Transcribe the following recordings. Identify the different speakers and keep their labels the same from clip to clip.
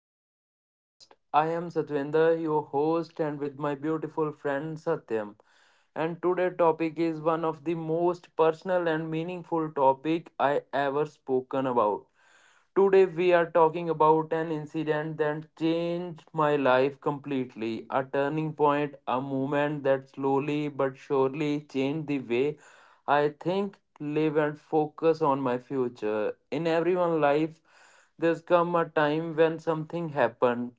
Speaker 1: To our podcast. I am Satwinder, your host, and with my beautiful friend Satyam. And today's topic is one of the most personal and meaningful topic I ever spoken about. Today, we are talking about an incident that changed my life completely. A turning point, a moment that slowly but surely changed the way I think, live, and focus on my future. In everyone's life, there's come a time when something happened.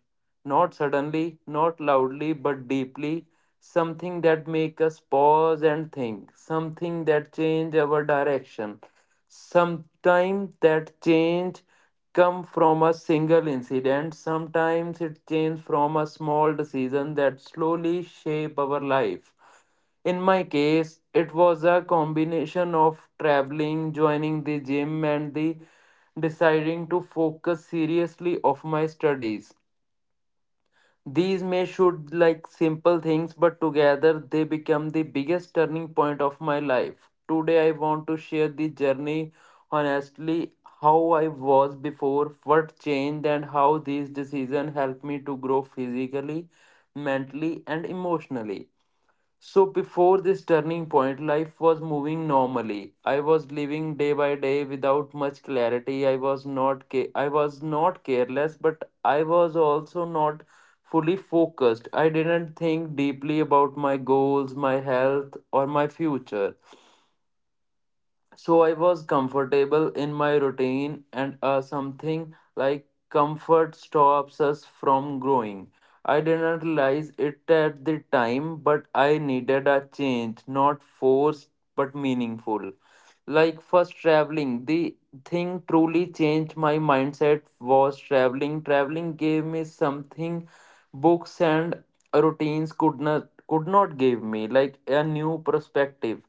Speaker 1: Not suddenly, not loudly, but deeply. Something that makes us pause and think. Something that changed our direction. Sometimes that change come from a single incident. Sometimes it change from a small decision that slowly shape our life. In my case, it was a combination of traveling, joining the gym, and the deciding to focus seriously of my studies. These may should like simple things, but together they become the biggest turning point of my life. Today I want to share the journey honestly, how I was before, what changed, and how these decisions helped me to grow physically, mentally, and emotionally. So before this turning point, life was moving normally. I was living day by day without much clarity. I was not careless, but I was also not fully focused. I didn't think deeply about my goals, my health, or my future. So I was comfortable in my routine, and something like comfort stops us from growing. I didn't realize it at the time, but I needed a change, not forced but meaningful. Like first traveling, the thing truly changed my mindset was traveling. Traveling gave me something books and routines could not give me, like a new perspective.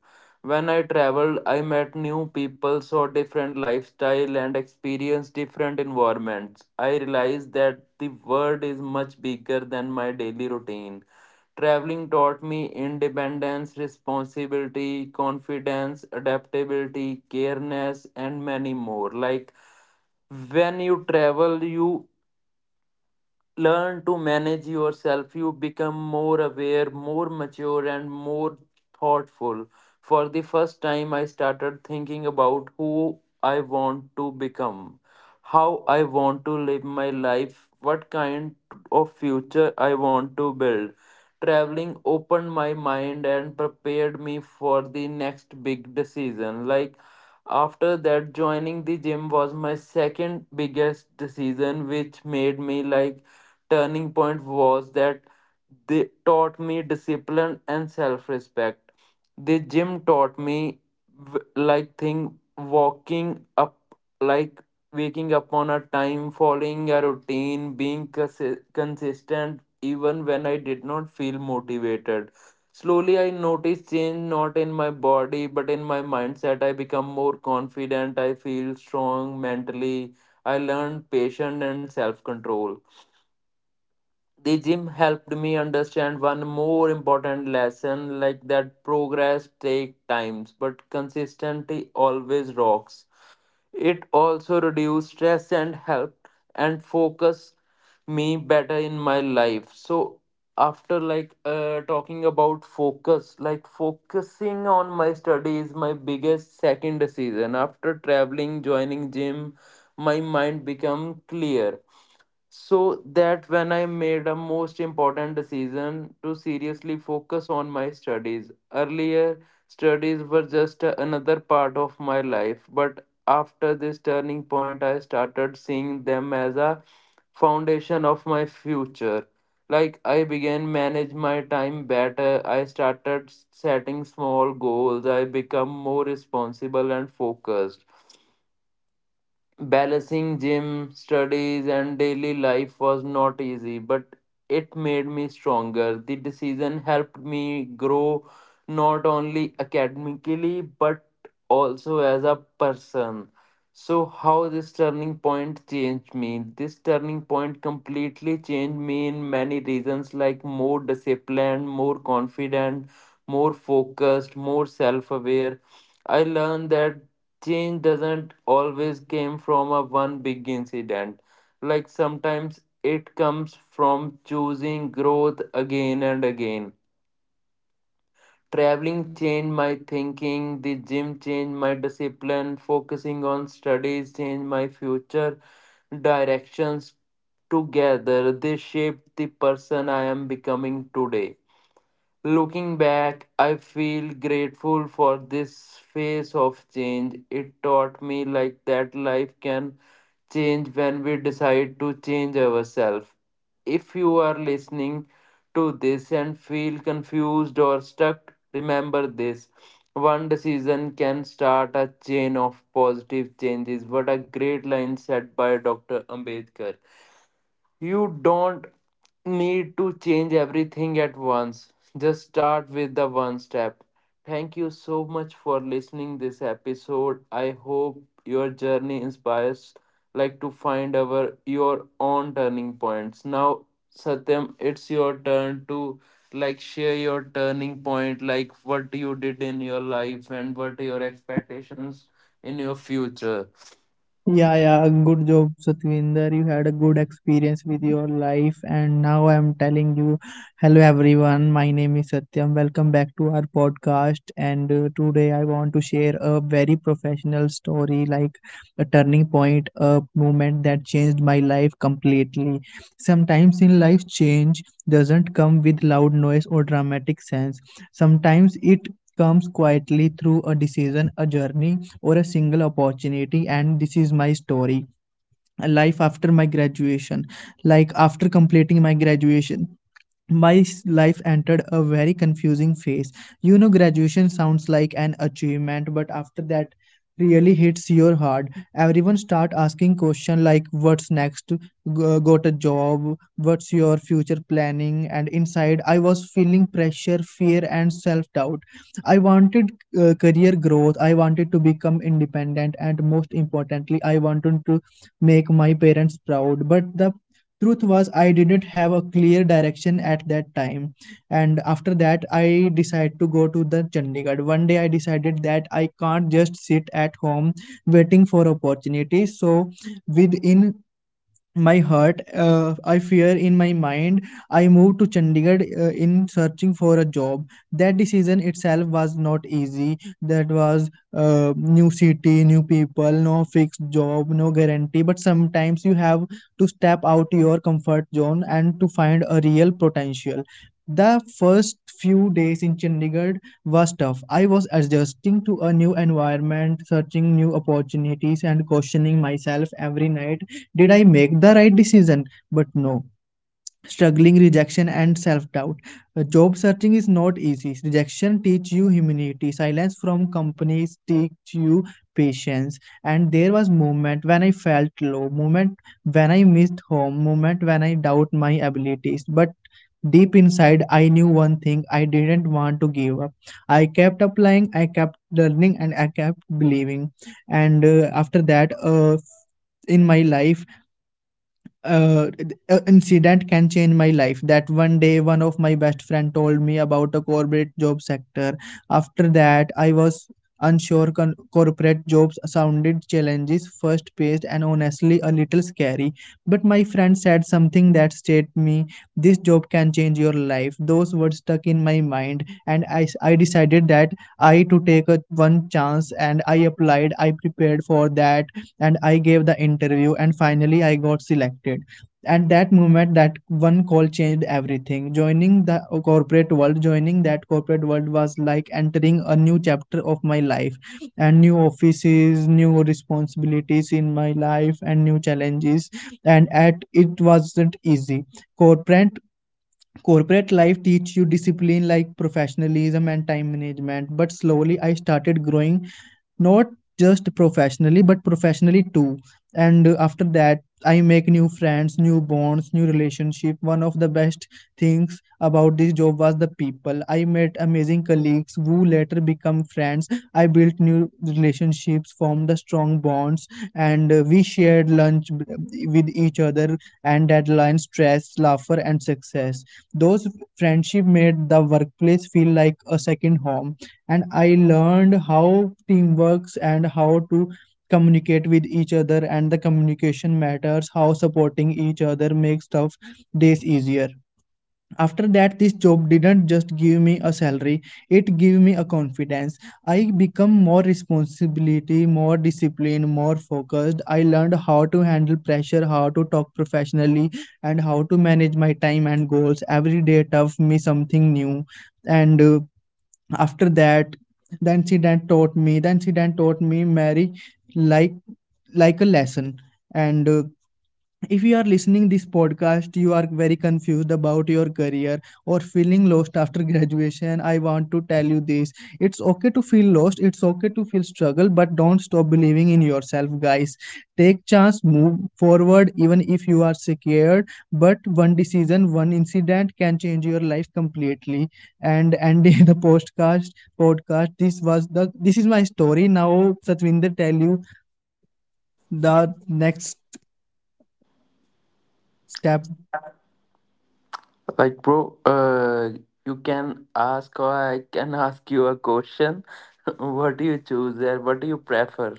Speaker 1: When I traveled, I met new people, saw different lifestyle and experienced different environments. I realized that the world is much bigger than my daily routine. Traveling taught me independence, responsibility, confidence, adaptability, careness, and many more. Like when you travel, you learn to manage yourself. You become more aware, more mature, and more thoughtful. For the first time, I started thinking about who I want to become, how I want to live my life, what kind of future I want to build. Traveling opened my mind and prepared me for the next big decision. Like after that, joining the gym was my second biggest decision, which made me like turning point was that they taught me discipline and self respect. The gym taught me w- like thing walking up like waking up on a time, following a routine, being consistent even when I did not feel motivated. Slowly, I noticed change not in my body but in my mindset. I become more confident. I feel strong mentally. I learned patience and self control. The gym helped me understand one more important lesson, like that progress takes time but consistency always rocks. It also reduced stress and helped and focus me better in my life. So after like talking about focus, like focusing on my study is my biggest second decision after traveling, joining gym, my mind become clear. So that when I made a most important decision to seriously focus on my studies earlier, studies were just another part of my life, but after this turning point I started seeing them as a foundation of my future. Like I began manage my time better. I started setting small goals. I become more responsible and focused. Balancing gym, studies, and daily life was not easy, but it made me stronger. The decision helped me grow not only academically but also as a person. So, how this turning point changed me? This turning point completely changed me in many reasons, like more disciplined, more confident, more focused, more self aware. I learned that change doesn't always came from a one big incident. Like sometimes it comes from choosing growth again and again. Traveling changed my thinking, the gym changed my discipline, focusing on studies changed my future directions. Together they shaped the person I am becoming today. Looking back, I feel grateful for this phase of change. It taught me like that life can change when we decide to change ourselves. If you are listening to this and feel confused or stuck, remember this. One decision can start a chain of positive changes. What a great line said by Dr. Ambedkar. You don't need to change everything at once. Just start with the one step. Thank you so much for listening this episode. I hope your journey inspires like to find our your own turning points. Now Satyam, it's your turn to like share your turning point, like what you did in your life and what your expectations in your future.
Speaker 2: Yeah, yeah, good job, Satvinder. You had a good experience with your life, and now I'm telling you, hello everyone. My name is Satyam. Welcome back to our podcast. And Today I want to share a very professional story, like a turning point, a moment that changed my life completely. Sometimes in life, change doesn't come with loud noise or dramatic sense. Sometimes it comes quietly through a decision, a journey, or a single opportunity, and this is my story, a life after my graduation. Like, after completing my graduation, life entered a very confusing phase. You know, graduation sounds like an achievement, but after that really hits your heart. Everyone start asking question like what's next. Got a job, what's your future planning? And inside I was feeling pressure, fear, and self doubt. I wanted career growth, I wanted to become independent, and most importantly I wanted to make my parents proud, but the truth was I didn't have a clear direction at that time. And after that I decided to go to the Chandigarh. One day I decided that I can't just sit at home waiting for opportunities, so within my heart, I fear in my mind, I moved to Chandigarh in searching for a job. That decision itself was not easy. That was new city, new people, no fixed job, no guarantee, but sometimes you have to step out your comfort zone and to find a real potential. The first few days in Chandigarh was tough. I was adjusting to a new environment, searching new opportunities, and questioning myself every night. Did I make the right decision? But no. Struggling, rejection, and self doubt. Job searching is not easy. Rejection teach you humility. Silence from companies teach you patience. And there was moment when I felt low, moment when I missed home, moment when I doubt my abilities. But deep inside, I knew one thing: I didn't want to give up. I kept applying, I kept learning, and I kept believing. And After that, in my life, uh, a incident can change my life. That one day one of my best friend told me about a corporate job sector. After that I was unsure. Corporate jobs sounded challenges, first paced, and honestly a little scary. But my friend said something that stayed me: this job can change your life. Those words stuck in my mind, and I decided that I to take a one chance, and I applied, I prepared for that, and I gave the interview, and finally I got selected. At that moment, that one call changed everything. Joining the corporate world, joining that corporate world was like entering a new chapter of my life, and new offices, new responsibilities in my life, and new challenges. And at it wasn't easy. Corporate corporate life teach you discipline, like professionalism and time management, but slowly I started growing, not just professionally but professionally too. And After that I make new friends, new bonds, new relationship. One of the best things about this job was the people I met, amazing colleagues who later become friends. I built new relationships, formed the strong bonds, and we shared with each other, and deadlines, stress, laughter, and success. Those friendship made the workplace feel like a second home, and I learned how team works and how to communicate with each other, and the communication matters, how supporting each other makes tough days easier. After that, this job didn't just give me a salary, it gave me a confidence. I become more responsibility, more disciplined, more focused. I learned how to handle pressure, how to talk professionally, and how to manage my time and goals. Every day taught me something new, and after that the incident taught me mary, like like a lesson. And If you are listening this podcast, you are very confused about your career or feeling lost after graduation, I want to tell you this: it's okay to feel lost, it's okay to feel struggle, but don't stop believing in yourself, guys. Take chance, move forward even if you are scared, but one decision, one incident can change your life completely. And ending the podcast, this was the this is my story. Now Satvinder tell you the next step.
Speaker 1: Like, bro, you can ask, or I can ask you a question. What do you choose there? What do you prefer?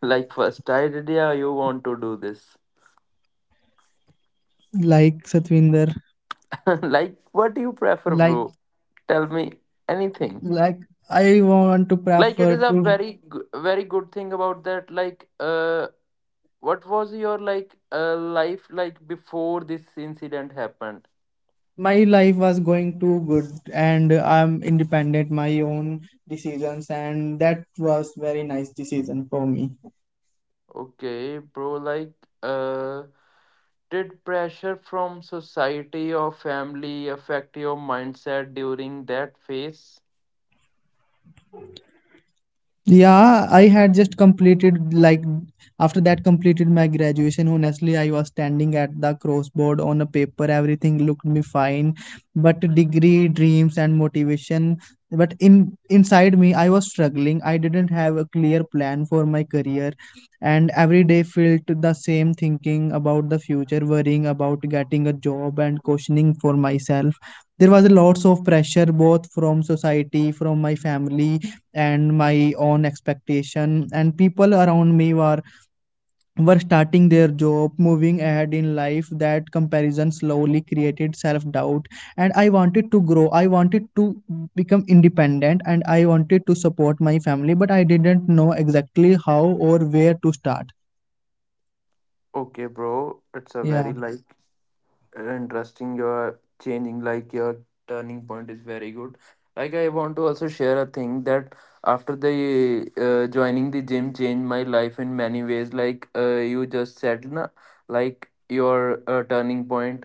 Speaker 1: Like, first idea, you want to do this.
Speaker 2: Like, Satvinder,
Speaker 1: Like, what do you prefer,
Speaker 2: like
Speaker 1: bro? Tell me anything.
Speaker 2: like, I want to
Speaker 1: Like, it
Speaker 2: prefer
Speaker 1: is a
Speaker 2: to
Speaker 1: very, very good thing about that. Like, what was your like life like before this incident happened?
Speaker 2: my life was going too good, and I'm independent, my own decisions, and that was very nice decision for me.
Speaker 1: Okay, bro, like, uh, did pressure from society or family affect your mindset during that phase?
Speaker 2: Yeah, I had just completed, like, after that completed my graduation. Honestly, I was standing at the crossboard on a paper. Everything looked me fine, but degree, dreams, and motivation. But in inside me, I was struggling. I didn't have a clear plan for my career, and every day felt the same. Thinking about the future, worrying about getting a job, and questioning for myself. There was lots of pressure both from society, from my family, and my own expectation, and people around me were starting their job, moving ahead in life. That comparison slowly created self doubt, and I wanted to grow, I wanted to become independent, and I wanted to support my family, but I didn't know exactly how or where to start.
Speaker 1: Okay, bro, it's a very
Speaker 2: Yeah,
Speaker 1: like interesting your changing, like your turning point is very good. Like I want to also share a thing that after the joining the gym changed my life in many ways, like you just said na, like your turning point,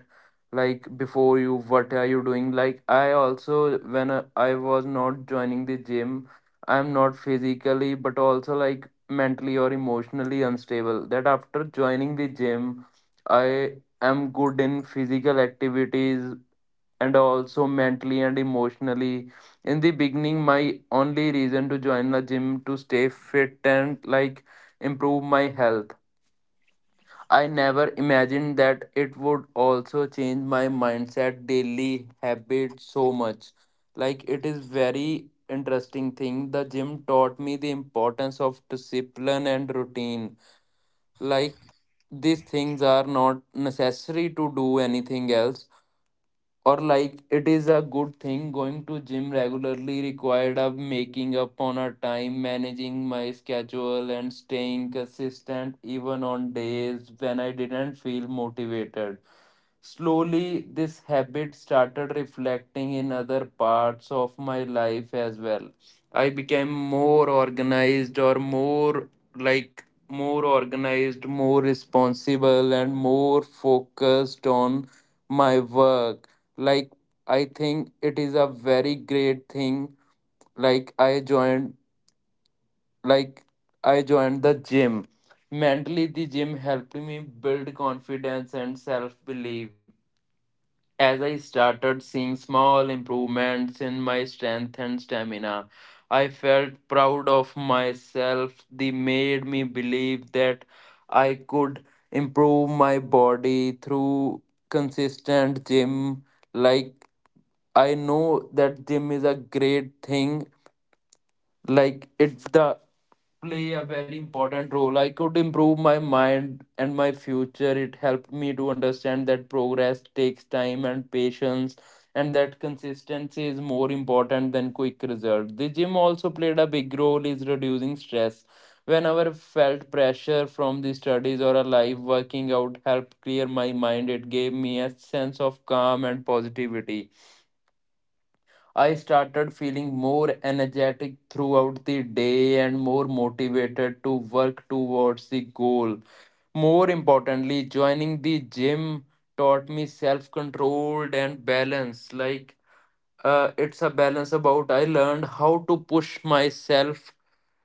Speaker 1: like before you what are you doing, like I also when I was not joining the gym, I'm not physically but also like mentally or emotionally unstable, that after joining the gym I. I'm good in physical activities and also mentally and emotionally. In the beginning, my only reason to join the gym to stay fit and like improve my health. I never imagined that it would also change my mindset, daily habits so much. Like it is very interesting thing. The gym taught me the importance of discipline and routine. Like these things are not necessary to do anything else, or like it is a good thing. Going to gym regularly required of making up on a time, managing my schedule and staying consistent even on days when I didn't feel motivated. Slowly, this habit started reflecting in other parts of my life as well. I became more organized, or more, like more organized, more responsible, and more focused on my work. Like I think it is a very great thing. Like I joined, like I joined the gym. Mentally, the gym helped me build confidence and self belief. As I started seeing small improvements in my strength and stamina, I felt proud of myself. They made me believe that I could improve my body through consistent gym. Like I know that gym is a great thing. Like it the play a very important role. I could improve my mind and my future. It helped me to understand that progress takes time and patience, and that consistency is more important than quick result. The gym also played a big role is reducing stress. Whenever I felt pressure from the studies or a life, working out helped clear my mind. It gave me a sense of calm and positivity. I started feeling more energetic throughout the day and more motivated to work towards the goal. More importantly, joining the gym taught me self control and balance. Like, it's a balance about I learned how to push myself,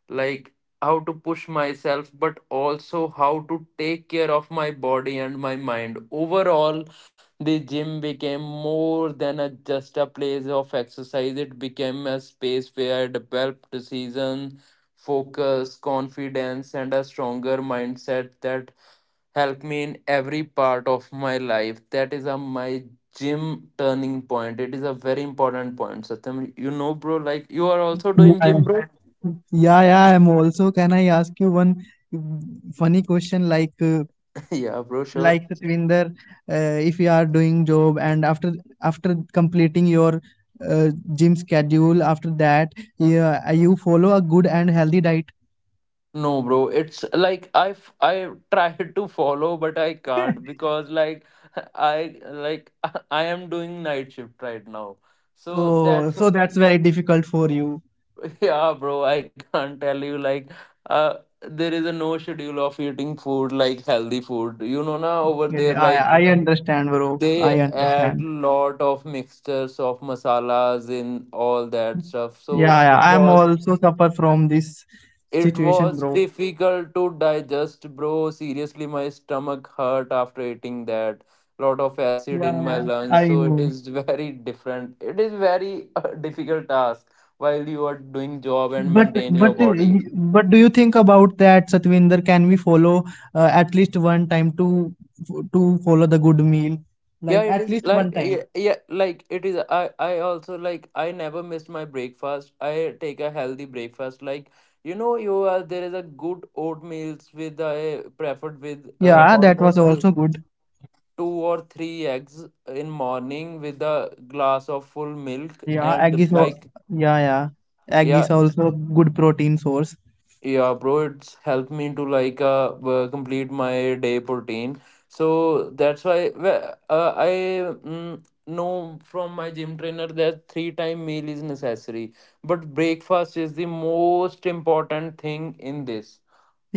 Speaker 1: like how to push myself but also how to take care of my body and my mind overall. The gym became more than a, just a place of exercise. It became a space where I developed decision, focus, confidence, and a stronger mindset that helped me in every part of my life. That is a my gym turning point. It is a very important point. Satyam, you know, bro, like you are also doing gym,
Speaker 2: yeah,
Speaker 1: bro.
Speaker 2: yeah, yeah, I'm also, can I ask you one mm, funny question, like,
Speaker 1: Yeah, bro, sure.
Speaker 2: like, Satvinder, if you are doing job, and after after completing your uh, gym schedule, after that, yeah, you follow a good and healthy diet?
Speaker 1: No, bro, it's like I tried to follow, but I can't because like I like I am doing night shift right now. So
Speaker 2: Oh,
Speaker 1: that's
Speaker 2: so that's very difficult for you.
Speaker 1: yeah, bro. I can't tell you like uh there is a no schedule of eating food, like healthy food. You know now over
Speaker 2: Okay,
Speaker 1: there,
Speaker 2: i
Speaker 1: like
Speaker 2: i understand, bro, I
Speaker 1: they
Speaker 2: understand.
Speaker 1: add lot of mixtures of masalas in all that stuff.
Speaker 2: Yeah,
Speaker 1: So
Speaker 2: yeah,
Speaker 1: it
Speaker 2: I'm
Speaker 1: was.
Speaker 2: also suffer from this
Speaker 1: It
Speaker 2: situation,
Speaker 1: was
Speaker 2: bro.
Speaker 1: difficult to digest, bro. Seriously, my stomach hurt after eating that. Lot of acid in
Speaker 2: Yeah,
Speaker 1: my
Speaker 2: yeah,
Speaker 1: lungs,
Speaker 2: I
Speaker 1: so it
Speaker 2: know.
Speaker 1: is very different. It is very difficult task while you are doing job and maintain
Speaker 2: But
Speaker 1: your body.
Speaker 2: but do you think about that, Satvinder? Can we follow at least one time to follow the good meal?
Speaker 1: Yeah,
Speaker 2: Like,
Speaker 1: it
Speaker 2: at
Speaker 1: is
Speaker 2: least one
Speaker 1: like yeah,
Speaker 2: time.
Speaker 1: yeah, like it is. I also like I never missed my breakfast. I take a healthy breakfast. Like you know, you are there is a good oatmeals with I preferred with
Speaker 2: Yeah, that was
Speaker 1: almost.
Speaker 2: also good.
Speaker 1: Two or three eggs in morning with a glass of full milk
Speaker 2: Yeah,
Speaker 1: and like
Speaker 2: yeah, yeah, egg
Speaker 1: yeah,
Speaker 2: is also good protein source.
Speaker 1: yeah, bro, it's helped me to like complete my day protein. So that's why I know from my gym trainer that three time meal is necessary, but breakfast is the most important thing in this.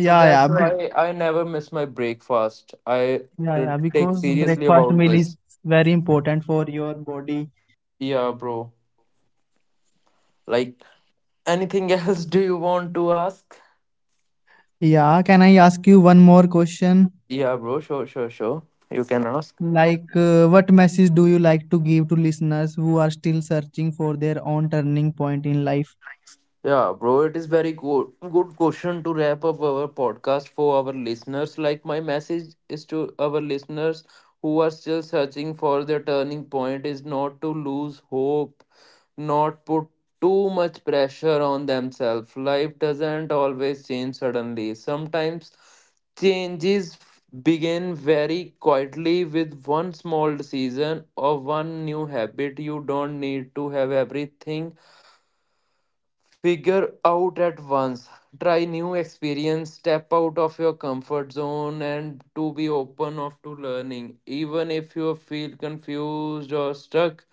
Speaker 1: So
Speaker 2: yeah
Speaker 1: that's
Speaker 2: be,
Speaker 1: why I never miss my breakfast. I
Speaker 2: yeah,
Speaker 1: uh,
Speaker 2: yeah,
Speaker 1: take
Speaker 2: because
Speaker 1: seriously
Speaker 2: breakfast
Speaker 1: about
Speaker 2: meal is
Speaker 1: this.
Speaker 2: very important for your body.
Speaker 1: Yeah, bro, like anything else do you want to ask?
Speaker 2: Yeah, can I ask you one more question?
Speaker 1: Yeah, bro, sure, sure, sure. You can ask.
Speaker 2: Like, what message do you like to give to listeners who are still searching for their own turning point in life?
Speaker 1: Yeah, bro, it is very good question to wrap up our podcast for our listeners. Like my message is to our listeners who are still searching for their turning point is not to lose hope, not put too much pressure on themselves. Life doesn't always change suddenly. Sometimes begin very quietly with one small decision or one new habit. You don't need to have everything figure out at once. Try new experience, step out of your comfort zone, and to be open of to learning. Even if you feel confused or stuck,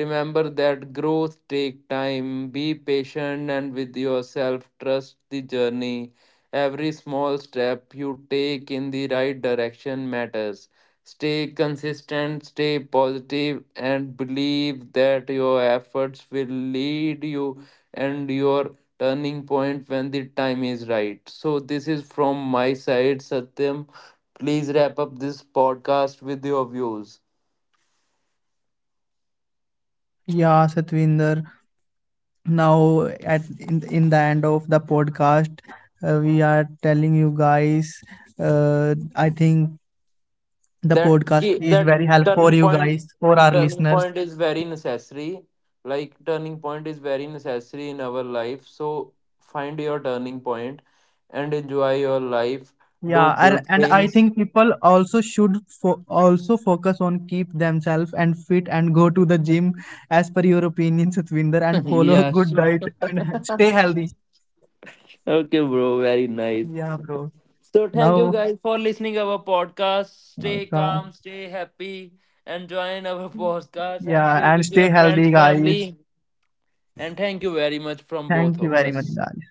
Speaker 1: remember that growth take time. Be patient and with yourself, trust the journey. Every small step you take in the right direction matters. Stay consistent, stay positive, and believe that your efforts will lead you and your turning point when the time is right. So, this is from my side, Satyam. Please wrap up this podcast with your views.
Speaker 2: Yeah, Satvinder. Now, at in the end of the podcast, we are telling you guys. I think the
Speaker 1: That
Speaker 2: podcast
Speaker 1: ki-
Speaker 2: is
Speaker 1: that
Speaker 2: very helpful for
Speaker 1: turning
Speaker 2: you
Speaker 1: point,
Speaker 2: guys, for our
Speaker 1: turning
Speaker 2: listeners.
Speaker 1: point is very necessary. Like turning point is very necessary in our life. So find your turning point and enjoy your life. Do
Speaker 2: Yeah, and,
Speaker 1: good
Speaker 2: and I
Speaker 1: things.
Speaker 2: think people also should also focus on keep themselves and fit and go to the gym as per your opinion, Satvinder, and follow a
Speaker 1: Yeah,
Speaker 2: good
Speaker 1: sure.
Speaker 2: diet and stay healthy.
Speaker 1: Okay, bro. Very nice.
Speaker 2: Yeah, bro.
Speaker 1: So thank you
Speaker 2: Now,
Speaker 1: guys for listening our podcast. Stay
Speaker 2: now,
Speaker 1: calm, stay happy, and join our podcast and share
Speaker 2: yeah, and
Speaker 1: with
Speaker 2: stay
Speaker 1: your friends,
Speaker 2: healthy,
Speaker 1: family.
Speaker 2: guys.
Speaker 1: And thank you very much from both
Speaker 2: Thank you
Speaker 1: of
Speaker 2: very much,
Speaker 1: us.
Speaker 2: guys.